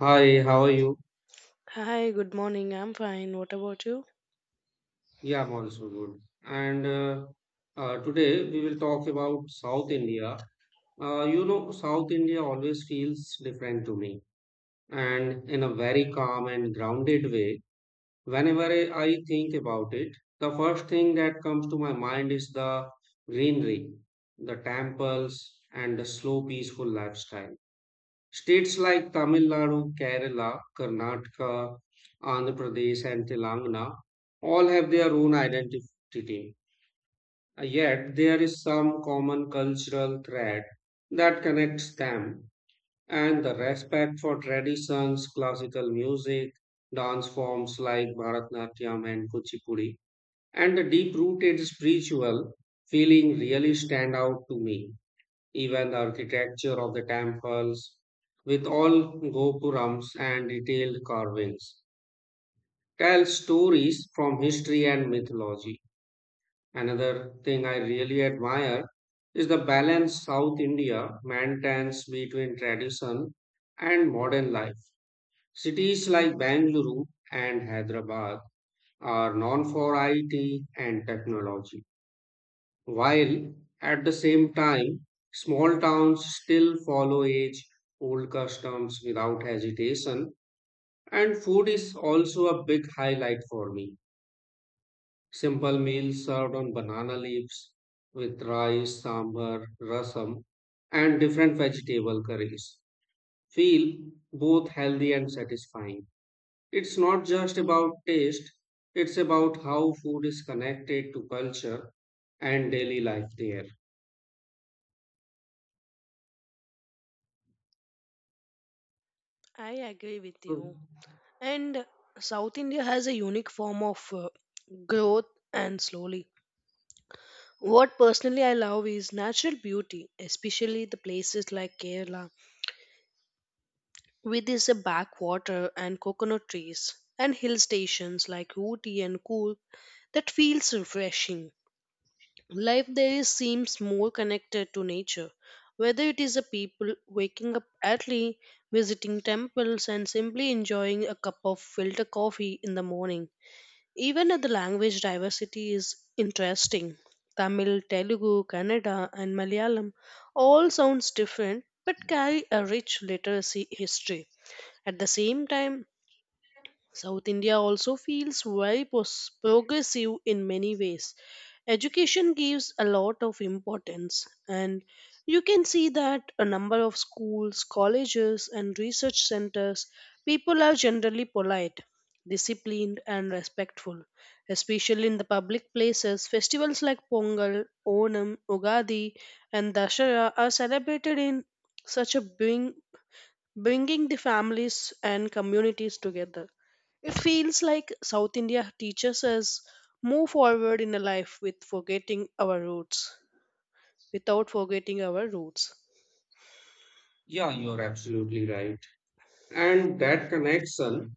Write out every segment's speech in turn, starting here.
Hi, how are you? Hi, good morning. I'm fine. What about you? Yeah, I'm also good. And Today we will talk about South India. South India always feels different to me, and in a very calm and grounded way. Whenever I think about it, the first thing that comes to my mind is the greenery, the temples, and the slow, peaceful lifestyle. States like Tamil Nadu, Kerala, Karnataka, Andhra Pradesh, and Telangana all have their own identity. Uh, Yet there is some common cultural thread that connects them, and the respect for traditions, classical music, dance forms like Bharatanatyam and Kuchipudi, and the deep rooted spiritual feeling really stand out to me. Even the architecture of the temples, with all gopurams and detailed carvings, tells stories from history and mythology. Another thing I really admire is the balance South India maintains between tradition and modern life. Cities like Bangalore and Hyderabad are known for IT and technology while at the same time, small towns still follow age old customs without hesitation, and food is also a big highlight for me. Simple meals served on banana leaves with rice, sambar, rasam, and different vegetable curries feel both healthy and satisfying. It's not just about taste, it's about how food is connected to culture and daily life there. I agree with you. And South India has a unique form of growth and slowly. What personally I love is natural beauty, especially the places like Kerala, with its backwater and coconut trees, and hill stations like Ooty and Cool that feels refreshing. Life there is seems more connected to nature, whether it is a people waking up early, visiting temples, and simply enjoying a cup of filter coffee in the morning. Even the language diversity is interesting. Tamil, Telugu, Kannada, and Malayalam all sounds different but carry a rich literacy history. At the same time, South India also feels very progressive in many ways. Education gives a lot of importance, and you can see that a number of schools, colleges, and research centers, people are generally polite, disciplined, and respectful, especially in the public places. Festivals like Pongal, Onam, Ugadi, and Dashera are celebrated in such a bring, bringing the families and communities together. It feels like South India teaches us move forward in a life with forgetting our roots, without forgetting our roots. Yeah, you're absolutely right. And that connection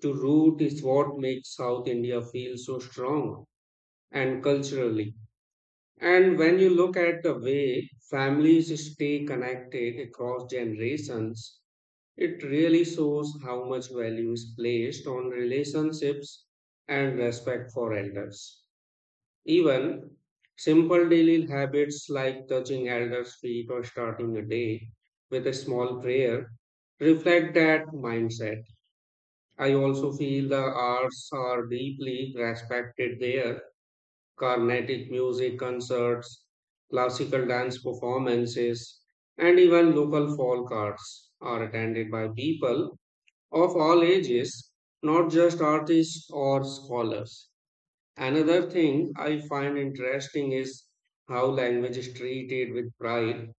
to root is what makes South India feel so strong and culturally. And when you look at the way families stay connected across generations, it really shows how much value is placed on relationships and respect for elders. Even simple daily habits like touching elders' feet or starting a day with a small prayer reflect that mindset. I also feel the arts are deeply respected there. Carnatic music concerts, classical dance performances, and even local folk arts are attended by people of all ages, not just artists or scholars. Another thing I find interesting is how language is treated with pride.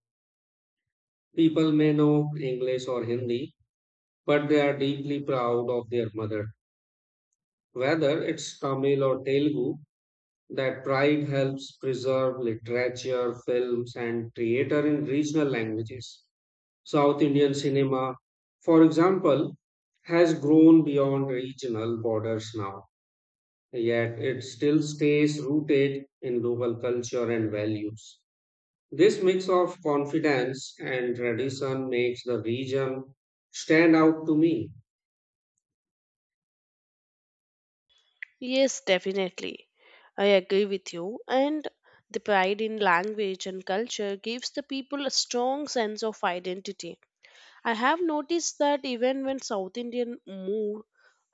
People may know English or Hindi, but they are deeply proud of their mother. Whether it's Tamil or Telugu, that pride helps preserve literature, films, and theater in regional languages. South Indian cinema, for example, has grown beyond regional borders now, yet it still stays rooted in local culture and values. This mix of confidence and tradition makes the region stand out to me. Yes, definitely. I agree with you. And the pride in language and culture gives the people a strong sense of identity. I have noticed that even when South Indian move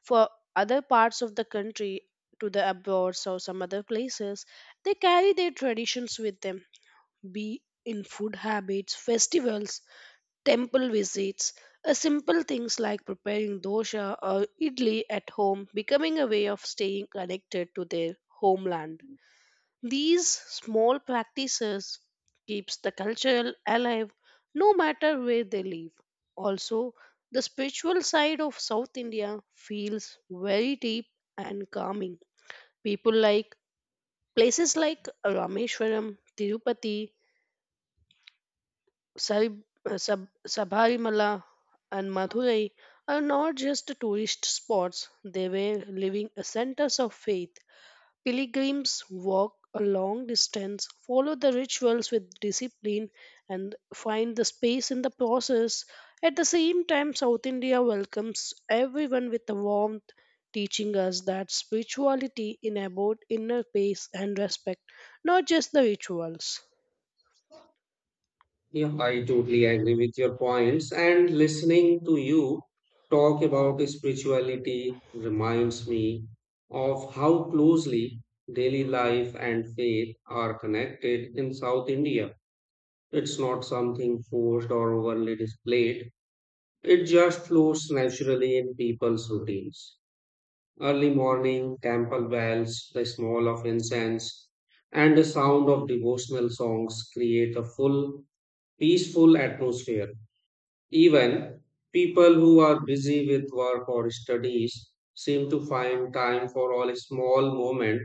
for other parts of the country to the abroad or some other places, they carry their traditions with them be in food habits, festivals, temple visits, a simple things like preparing dosha or idli at home becoming a way of staying connected to their homeland. These small practices keeps the culture alive no matter where they live. Also, the spiritual side of South India feels very deep and calming. People like places like Rameshwaram, Tirupati, Sari- Sabharimala and Madurai are not just tourist spots, they were living centers of faith. Pilgrims walk a long distance, follow the rituals with discipline, and find the space in the process. At the same time, South India welcomes everyone with a warmth, teaching us that spirituality enabled inner peace and respect, not just the rituals. Yeah. I totally agree with your points, and listening to you talk about spirituality reminds me of how closely daily life and faith are connected in South India. It's not something forced or overly displayed, it just flows naturally in people's routines. Early morning temple bells, the smell of incense, and the sound of devotional songs create a full, peaceful atmosphere. Even people who are busy with work or studies seem to find time for all small moment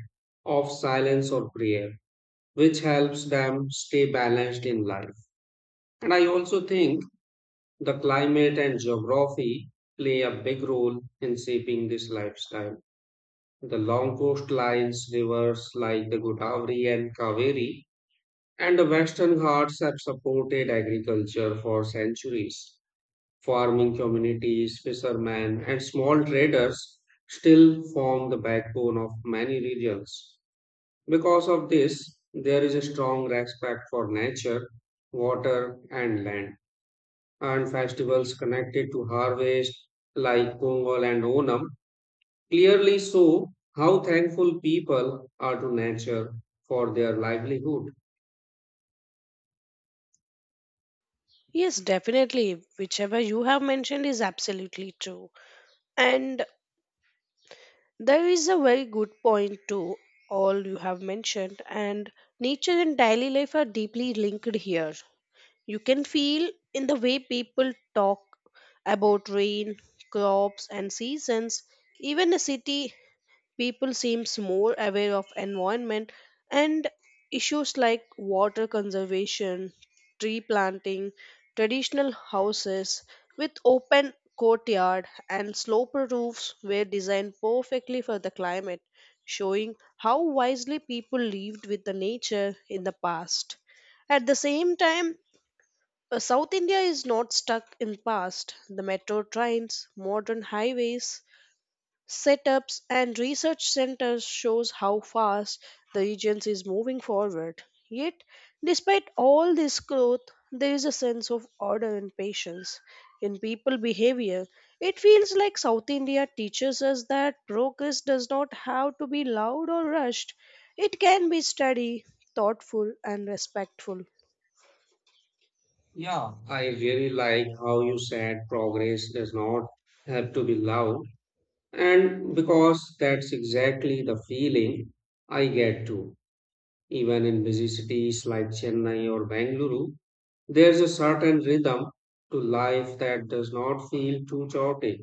of silence or prayer, which helps them stay balanced in life. And I also think the climate and geography play a big role in shaping this lifestyle, the long coastlines, rivers like the Godavari and Kaveri, and the western ghats have supported agriculture for centuries. Farming communities, fishermen, and small traders still form the backbone of many regions. Because of this, there is a strong respect for nature, water, and land. And festivals connected to harvest, like Pongal and Onam, clearly show how thankful people are to nature for their livelihood. Yes, definitely. Whichever you have mentioned is absolutely true. And there is a very good point to all you have mentioned. And nature and daily life are deeply linked here. You can feel in the way people talk about rain, crops, and seasons. Even a city people seems more aware of environment and issues like water conservation, tree planting, traditional houses with open courtyard and sloper roofs were designed perfectly for the climate, showing how wisely people lived with the nature in the past. At the same time, South India is not stuck in past. The metro trains, modern highways, setups and research centers shows how fast the agency is moving forward. Yet, despite all this growth, there is a sense of order and patience in people behavior. It feels like South India teaches us that progress does not have to be loud or rushed. It can be steady, thoughtful, and respectful. Yeah, I really like how you said progress does not have to be loud, and because that's exactly the feeling I get too. Even in busy cities like Chennai or Bangalore, there's a certain rhythm to life that does not feel too chaotic.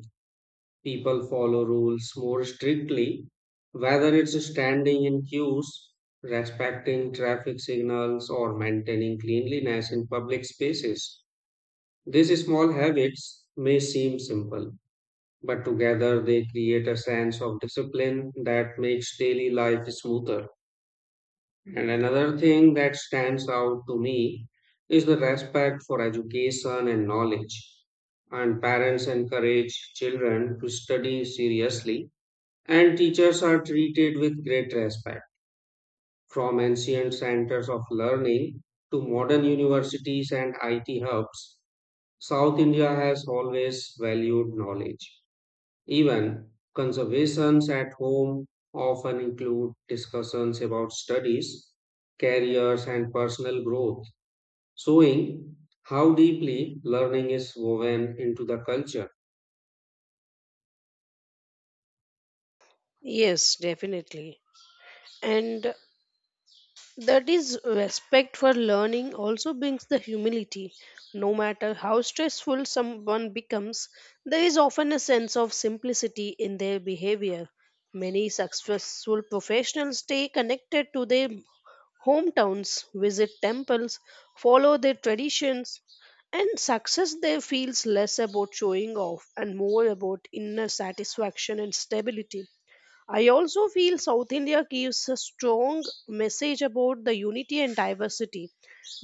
People follow rules more strictly, whether it's standing in queues, respecting traffic signals, or maintaining cleanliness in public spaces. These small habits may seem simple, but together they create a sense of discipline that makes daily life smoother. And another thing that stands out to me is the respect for education and knowledge. And parents encourage children to study seriously and teachers are treated with great respect, from ancient centers of learning to modern universities and IT hubs. South India has always valued knowledge. Even conversations at home often include discussions about studies, careers, and personal growth, showing how deeply learning is woven into the culture. Yes, definitely. And that is respect for learning also brings the humility. No matter how stressful someone becomes, there is often a sense of simplicity in their behavior. Many successful professionals stay connected to their hometowns, visit temples, follow their traditions, and success there feels less about showing off and more about inner satisfaction and stability. I also feel South India gives a strong message about the unity and diversity.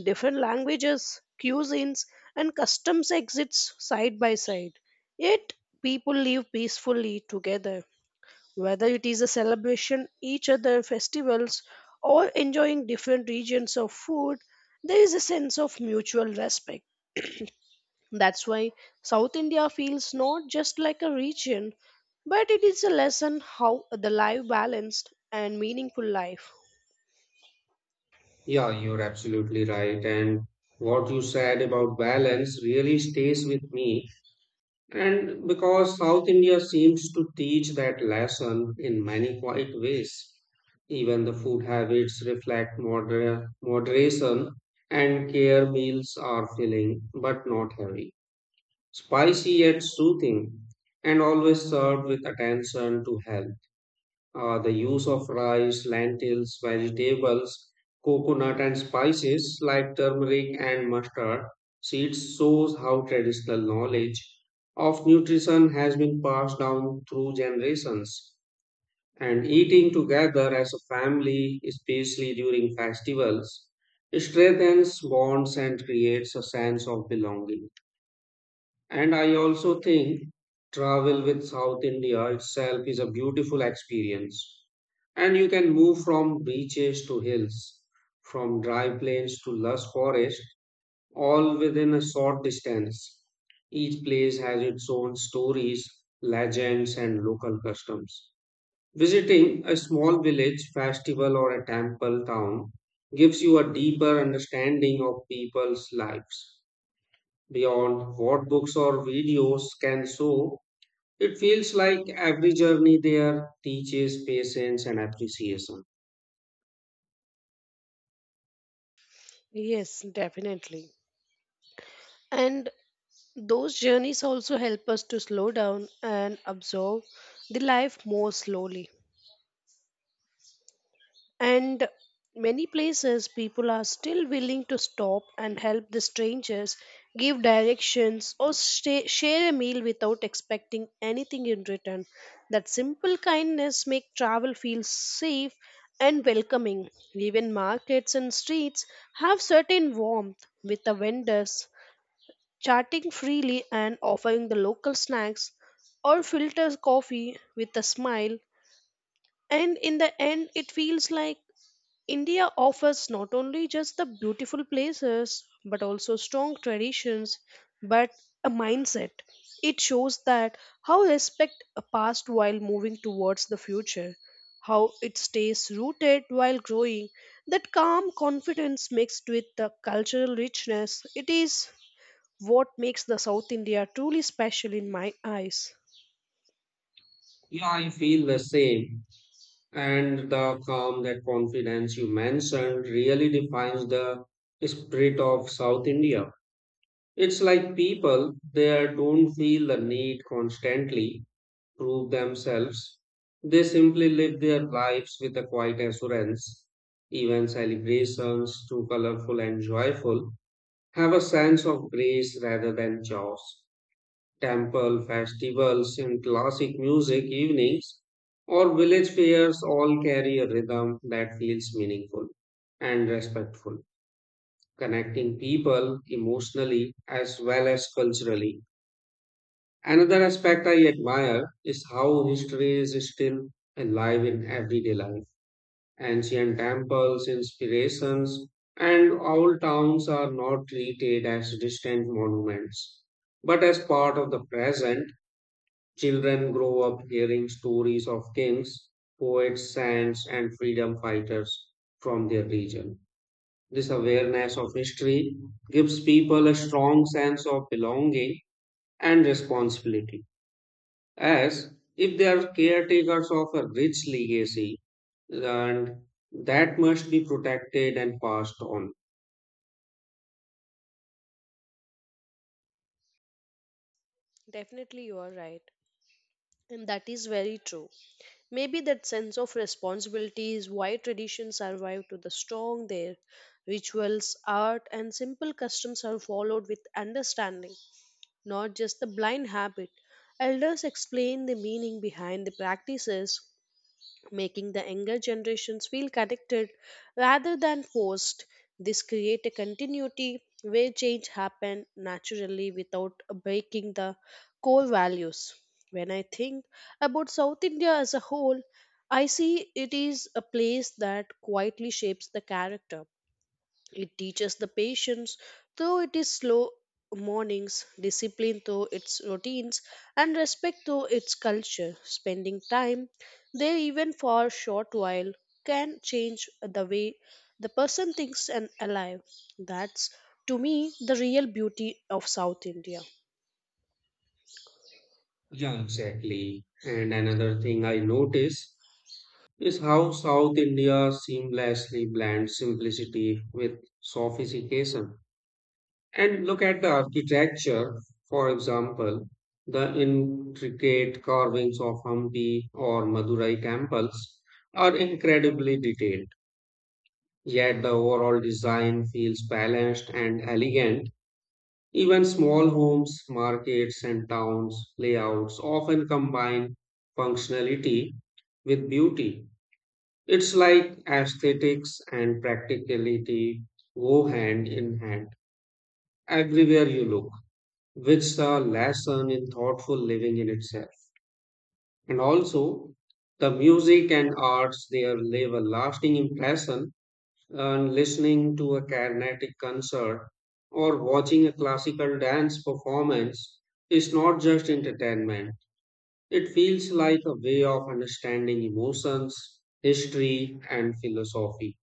Different languages, cuisines, and customs exist side by side. Yet people live peacefully together. Whether it is a celebration, each other festivals, or enjoying different regions of food, there is a sense of mutual respect. That's why South India feels not just like a region, but it is a lesson how the life balanced and meaningful life. Yeah, you're absolutely right. And what you said about balance really stays with me. And because South India seems to teach that lesson in many quiet ways, even the food habits reflect moderation and care, meals are filling but not heavy, spicy yet soothing, and always served with attention to health. The use of rice, lentils, vegetables, coconut, and spices like turmeric and mustard seeds shows how traditional knowledge of nutrition has been passed down through generations. And eating together as a family, especially during festivals, strengthens bonds and creates a sense of belonging. And I also think travel with South India itself is a beautiful experience, and you can move from beaches to hills, from dry plains to lush forest, all within a short distance. Each place has its own stories, legends, and local customs. Visiting a small village, festival, or a temple town gives you a deeper understanding of people's lives. Beyond what books or videos can show, it feels like every journey there teaches patience and appreciation. Yes, definitely. And those journeys also help us to slow down and absorb the life more slowly. And many places people are still willing to stop and help the strangers, give directions, or stay, share a meal without expecting anything in return. That simple kindness makes travel feel safe and welcoming. Even markets and streets have certain warmth with the vendors chatting freely and offering the local snacks or filter coffee with a smile. And in the end, it feels like India offers not only just the beautiful places but also strong traditions but a mindset. It shows that how respect a past while moving towards the future, how it stays rooted while growing. That calm confidence mixed with the cultural richness, it is what makes the South India truly special in my eyes. Yeah, I feel the same. And the calm, that confidence you mentioned really defines the spirit of South India. It's like people there don't feel the need constantly prove themselves. They simply live their lives with a quiet assurance. Even celebrations, too colorful and joyful, have a sense of grace rather than chaos, temple festivals and classic music evenings or village fairs all carry a rhythm that feels meaningful and respectful, connecting people emotionally as well as culturally. Another aspect I admire is how history is still alive in everyday life. Ancient temples, inspirations, and old towns are not treated as distant monuments, but as part of the present. Children grow up hearing stories of kings, poets, saints, and freedom fighters from their region. This awareness of history gives people a strong sense of belonging and responsibility, as if they are caretakers of a rich legacy, and that must be protected and passed on. Definitely you are right and that is very true. Maybe that sense of responsibility is why traditions survive to the strong there. Rituals, art, and simple customs are followed with understanding, not just the blind habit. Elders explain the meaning behind the practices, making the younger generations feel connected rather than forced. This create a continuity where change happen naturally without breaking the core values. When I think about South India as a whole, I see it is a place that quietly shapes the character. It teaches the patience, though it is slow mornings, discipline though its routines, and respect though its culture. Spending time there even for a short while can change the way the person thinks and alive. That's to me the real beauty of South India. Yeah, exactly. And another thing I notice is how South India seamlessly blends simplicity with sophistication. And look at the architecture, for example, the intricate carvings of Hampi or Madurai temples are incredibly detailed, yet the overall design feels balanced and elegant. Even small homes, markets, and towns layouts often combine functionality with beauty, it's like aesthetics and practicality go hand in hand everywhere you look, which is a lesson in thoughtful living in itself. And also, the music and arts there leave a lasting impression. And listening to a Carnatic concert or watching a classical dance performance is not just entertainment. It feels like a way of understanding emotions, history, and philosophy,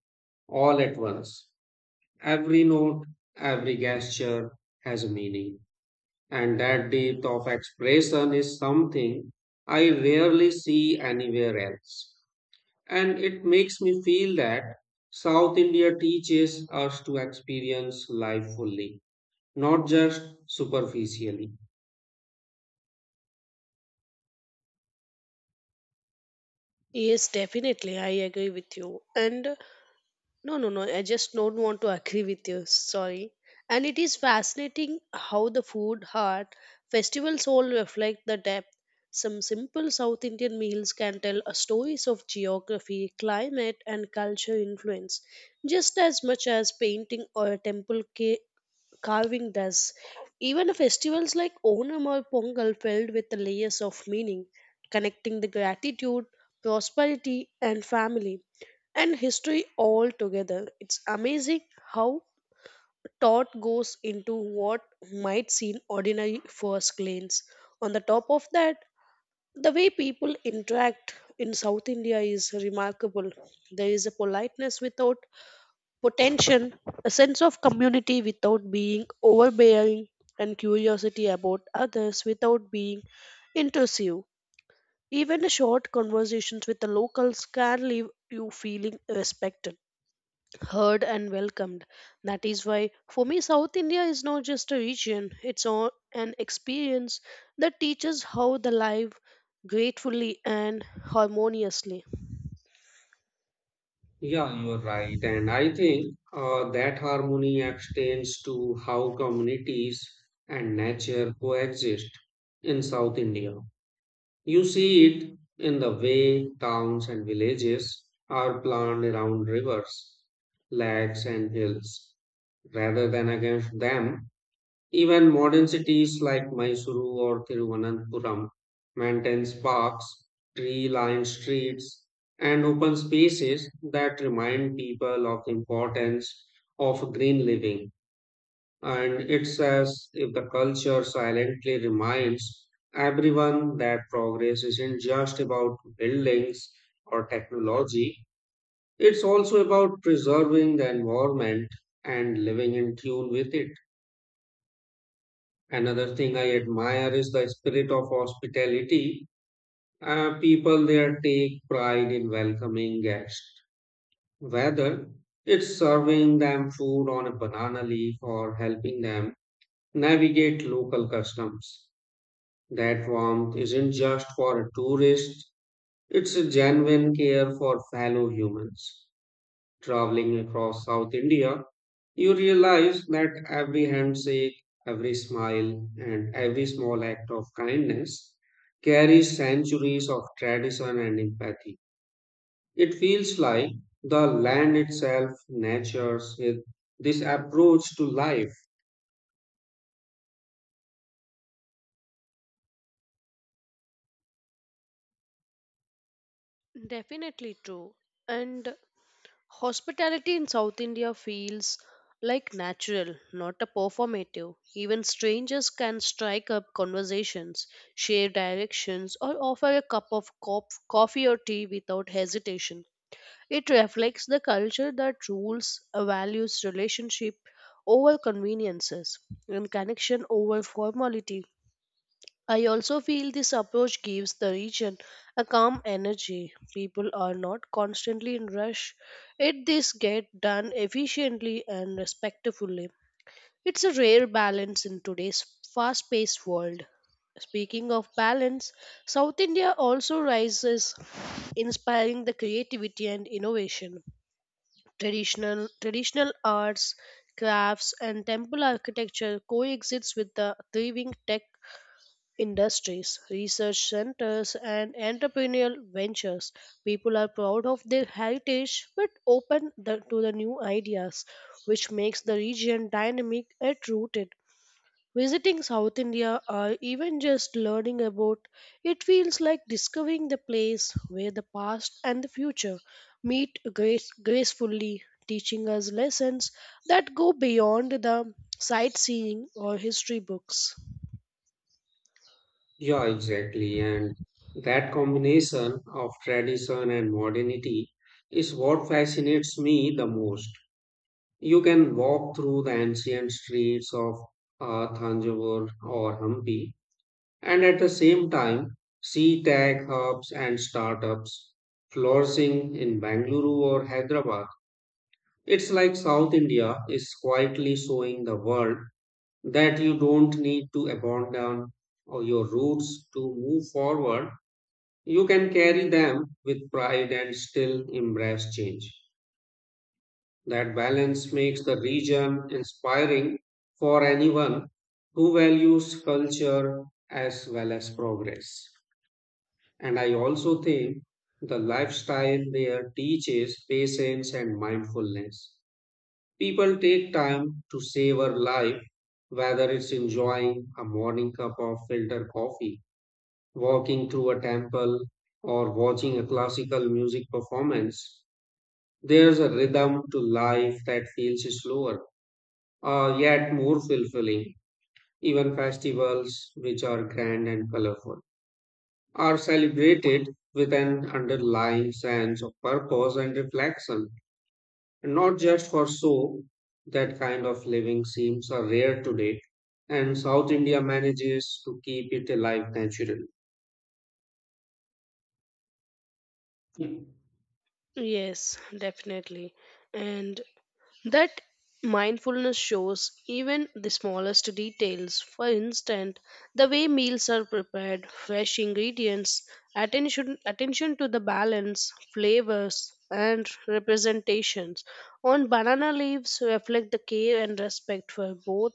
all at once. Every note, every gesture has a meaning, and that depth of expression is something I rarely see anywhere else. And it makes me feel that South India teaches us to experience life fully, not just superficially. Yes, definitely, I agree with you. And no, no, no. I just don't want to agree with you. Sorry. And it is fascinating how the food, heart, festivals all reflect the depth. Some simple South Indian meals can tell a stories of geography, climate, and culture influence, just as much as painting or a temple carving does. Even festivals like Onam or Pongal filled with the layers of meaning, connecting the gratitude, prosperity, and family and history all together. It's amazing how thought goes into what might seem ordinary first glance. On the top of that, the way people interact in South India is remarkable. There is a politeness without potential, a sense of community without being overbearing, and curiosity about others without being intrusive. Even a short conversations with the locals can leave you feeling respected, heard, and welcomed. That is why, for me, South India is not just a region, it's all an experience that teaches how the life gratefully and harmoniously. Yeah, you're right. And I think that harmony extends to how communities and nature coexist in South India. You see it in the way towns and villages are planned around rivers, lakes, and hills, rather than against them. Even modern cities like Mysuru or Thiruvananthapuram maintain parks, tree-lined streets, and open spaces that remind people of the importance of green living. And it's as if the culture silently reminds everyone that progress isn't just about buildings or technology, it's also about preserving the environment and living in tune with it. Another thing I admire is the spirit of hospitality. People there take pride in welcoming guests, whether it's serving them food on a banana leaf or helping them navigate local customs. That warmth isn't just for a tourist, it's a genuine care for fellow humans. Traveling across South India, you realize that every handshake, every smile, and every small act of kindness carries centuries of tradition and empathy. It feels like the land itself this approach to life. Definitely true. And hospitality in South India feels like natural, not a performative. Even strangers can strike up conversations, share directions, or offer a cup of coffee or tea without hesitation. It reflects the culture that rules, values relationship over conveniences, and connection over formality. I also feel this approach gives the region a calm energy. People are not constantly in rush. It this get done efficiently and respectfully. It's a rare balance in today's fast-paced world. Speaking of balance, South India also rises, inspiring the creativity and innovation. Traditional arts, crafts, and temple architecture coexists with the thriving tech industries, research centers, and entrepreneurial ventures. People are proud of their heritage but open the, to the new ideas, which makes the region dynamic and rooted. Visiting South India or even just learning about it feels like discovering the place where the past and the future meet grace, gracefully, teaching us lessons that go beyond the sightseeing or history books. Yeah, exactly. And that combination of tradition and modernity is what fascinates me the most. You can walk through the ancient streets of Thanjavur or Hampi, and at the same time see tech hubs and startups flourishing in Bangalore or Hyderabad. It's like South India is quietly showing the world that you don't need to abandon or your roots to move forward, you can carry them with pride and still embrace change. That balance makes the region inspiring for anyone who values culture as well as progress. And I also think the lifestyle there teaches patience and mindfulness. People take time to savor life, whether it's enjoying a morning cup of filter coffee, walking through a temple, or watching a classical music performance, there's a rhythm to life that feels slower, yet more fulfilling. Even festivals, which are grand and colorful, are celebrated with an underlying sense of purpose and reflection, and not just for show. That kind of living seems a rare today, and South India manages to keep it alive naturally. Yes, definitely. And that mindfulness shows even the smallest details. For instance, the way meals are prepared, fresh ingredients, attention to the balance, flavors, and representations. On banana leaves reflect the care and respect for both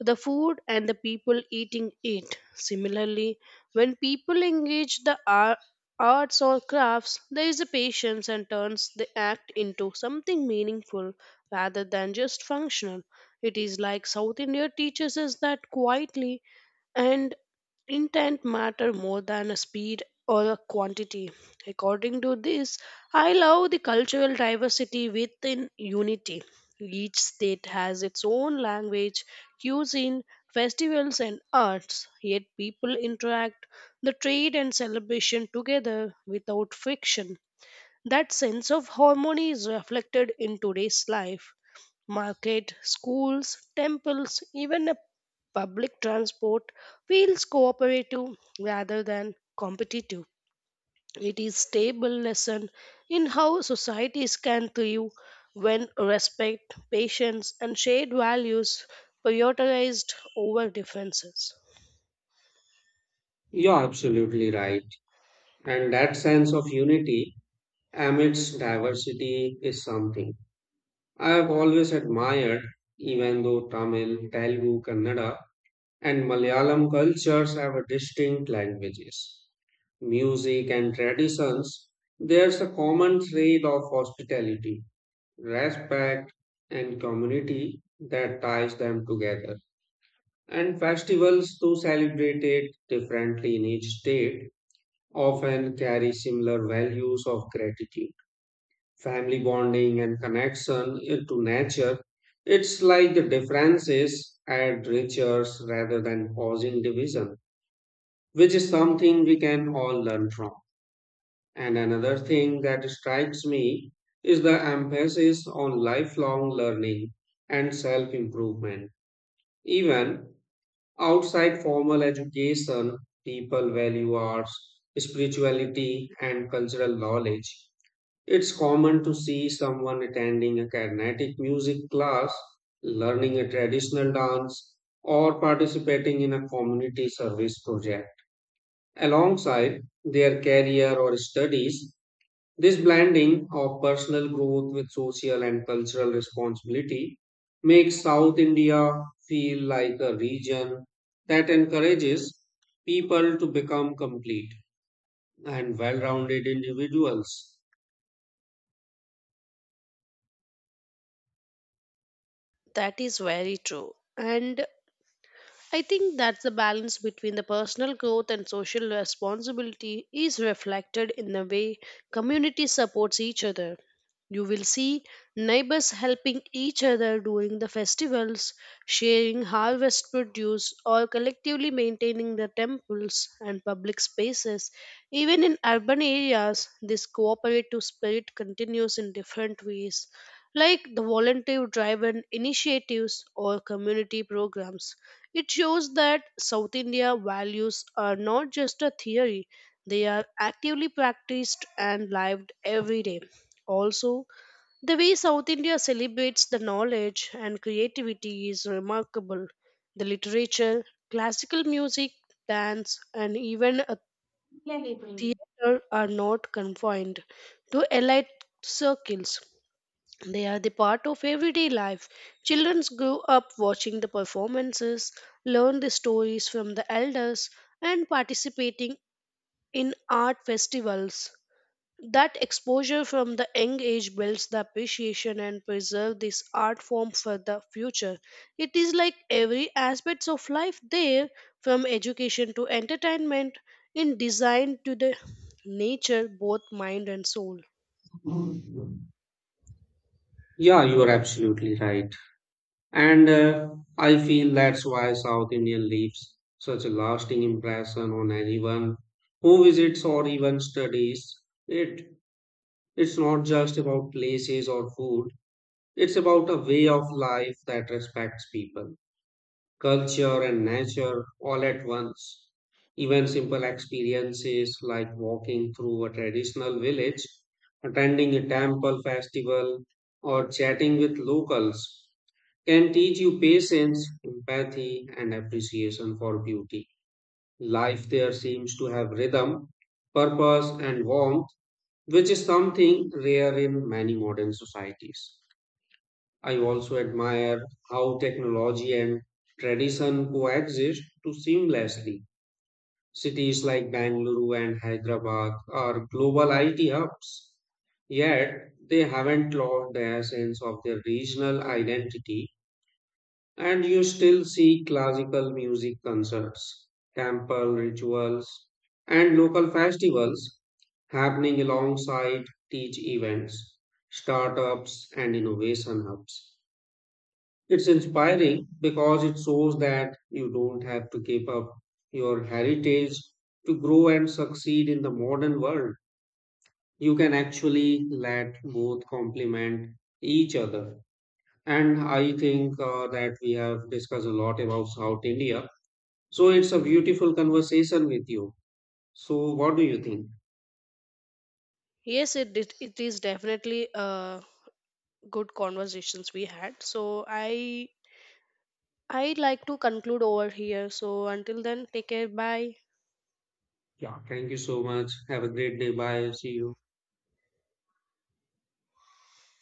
the food and the people eating it. Similarly, when people engage the arts or crafts, there is a patience and turns the act into something meaningful rather than just functional. It is like South India teaches us that quietly and intent matter more than a speed or a quantity. According to this, I love the cultural diversity within unity. Each state has its own language, cuisine, festivals, and arts, yet people interact the trade and celebration together without friction. That sense of harmony is reflected in today's life. Market, schools, temples, even a public transport feels cooperative rather than competitive. It is stable lesson in how societies can thrive when respect, patience, and shared values prioritized over differences. Yeah, absolutely right. And that sense of unity amidst diversity is something I have always admired, even though Tamil, Telugu, Kannada, and Malayalam cultures have a distinct languages, music, and traditions. There's a common thread of hospitality, respect, and community that ties them together. And festivals, though celebrated differently in each state, often carry similar values of gratitude, family bonding and connection to nature. It's like the differences add riches rather than causing division, which is something we can all learn from. And another thing that strikes me is the emphasis on lifelong learning and self improvement. Even outside formal education, people value arts, spirituality, and cultural knowledge, it's common to see someone attending a Carnatic music class, learning a traditional dance, or participating in a community service project. Alongside their career or studies, this blending of personal growth with social and cultural responsibility makes South India feel like a region that encourages people to become complete and well rounded individuals. That is very true. And I think that's the balance between the personal growth and social responsibility is reflected in the way communities supports each other. You will see neighbors helping each other during the festivals, sharing harvest produce, or collectively maintaining the temples and public spaces. Even in urban areas, this cooperative spirit continues in different ways, like the volunteer driven initiatives or community programs. It shows that South India values are not just a theory, they are actively practiced and lived every day. Also, the way South India celebrates the knowledge and creativity is remarkable. The literature, classical music, dance, and even a theater are not confined to elite circles. They are the part of everyday life. Children grow up watching the performances, learn the stories from the elders, and participating in art festivals that exposure from the young age builds the appreciation and preserve this art form for the future. It is like every aspects of life there, from education to entertainment, in design to the nature, both mind and soul. Yeah, you are absolutely right. And I feel that's why South Indian leaves such a lasting impression on anyone who visits or even studies it. It's not just about places or food, it's about a way of life that respects people, culture, and nature all at once. Even simple experiences like walking through a traditional village, attending a temple festival, or chatting with locals can teach you patience, empathy, and appreciation for beauty. Life there seems to have rhythm, purpose, and warmth, which is something rare in many modern societies. I also admire how technology and tradition coexist to seamlessly. Cities like Bangalore and Hyderabad are global IT hubs, yet they haven't lost the essence of their regional identity. And you still see classical music concerts, temple rituals, and local festivals happening alongside teach events, startups, and innovation hubs. It's inspiring because it shows that you don't have to give up your heritage to grow and succeed in the modern world. You can actually let both complement each other. And I think that we have discussed a lot about South India. So it's a beautiful conversation with you. So, what do you think? Yes, it is definitely a good conversations we had. So I like to conclude over here. So until then, take care. Bye. Yeah, thank you so much. Have a great day. Bye. See you.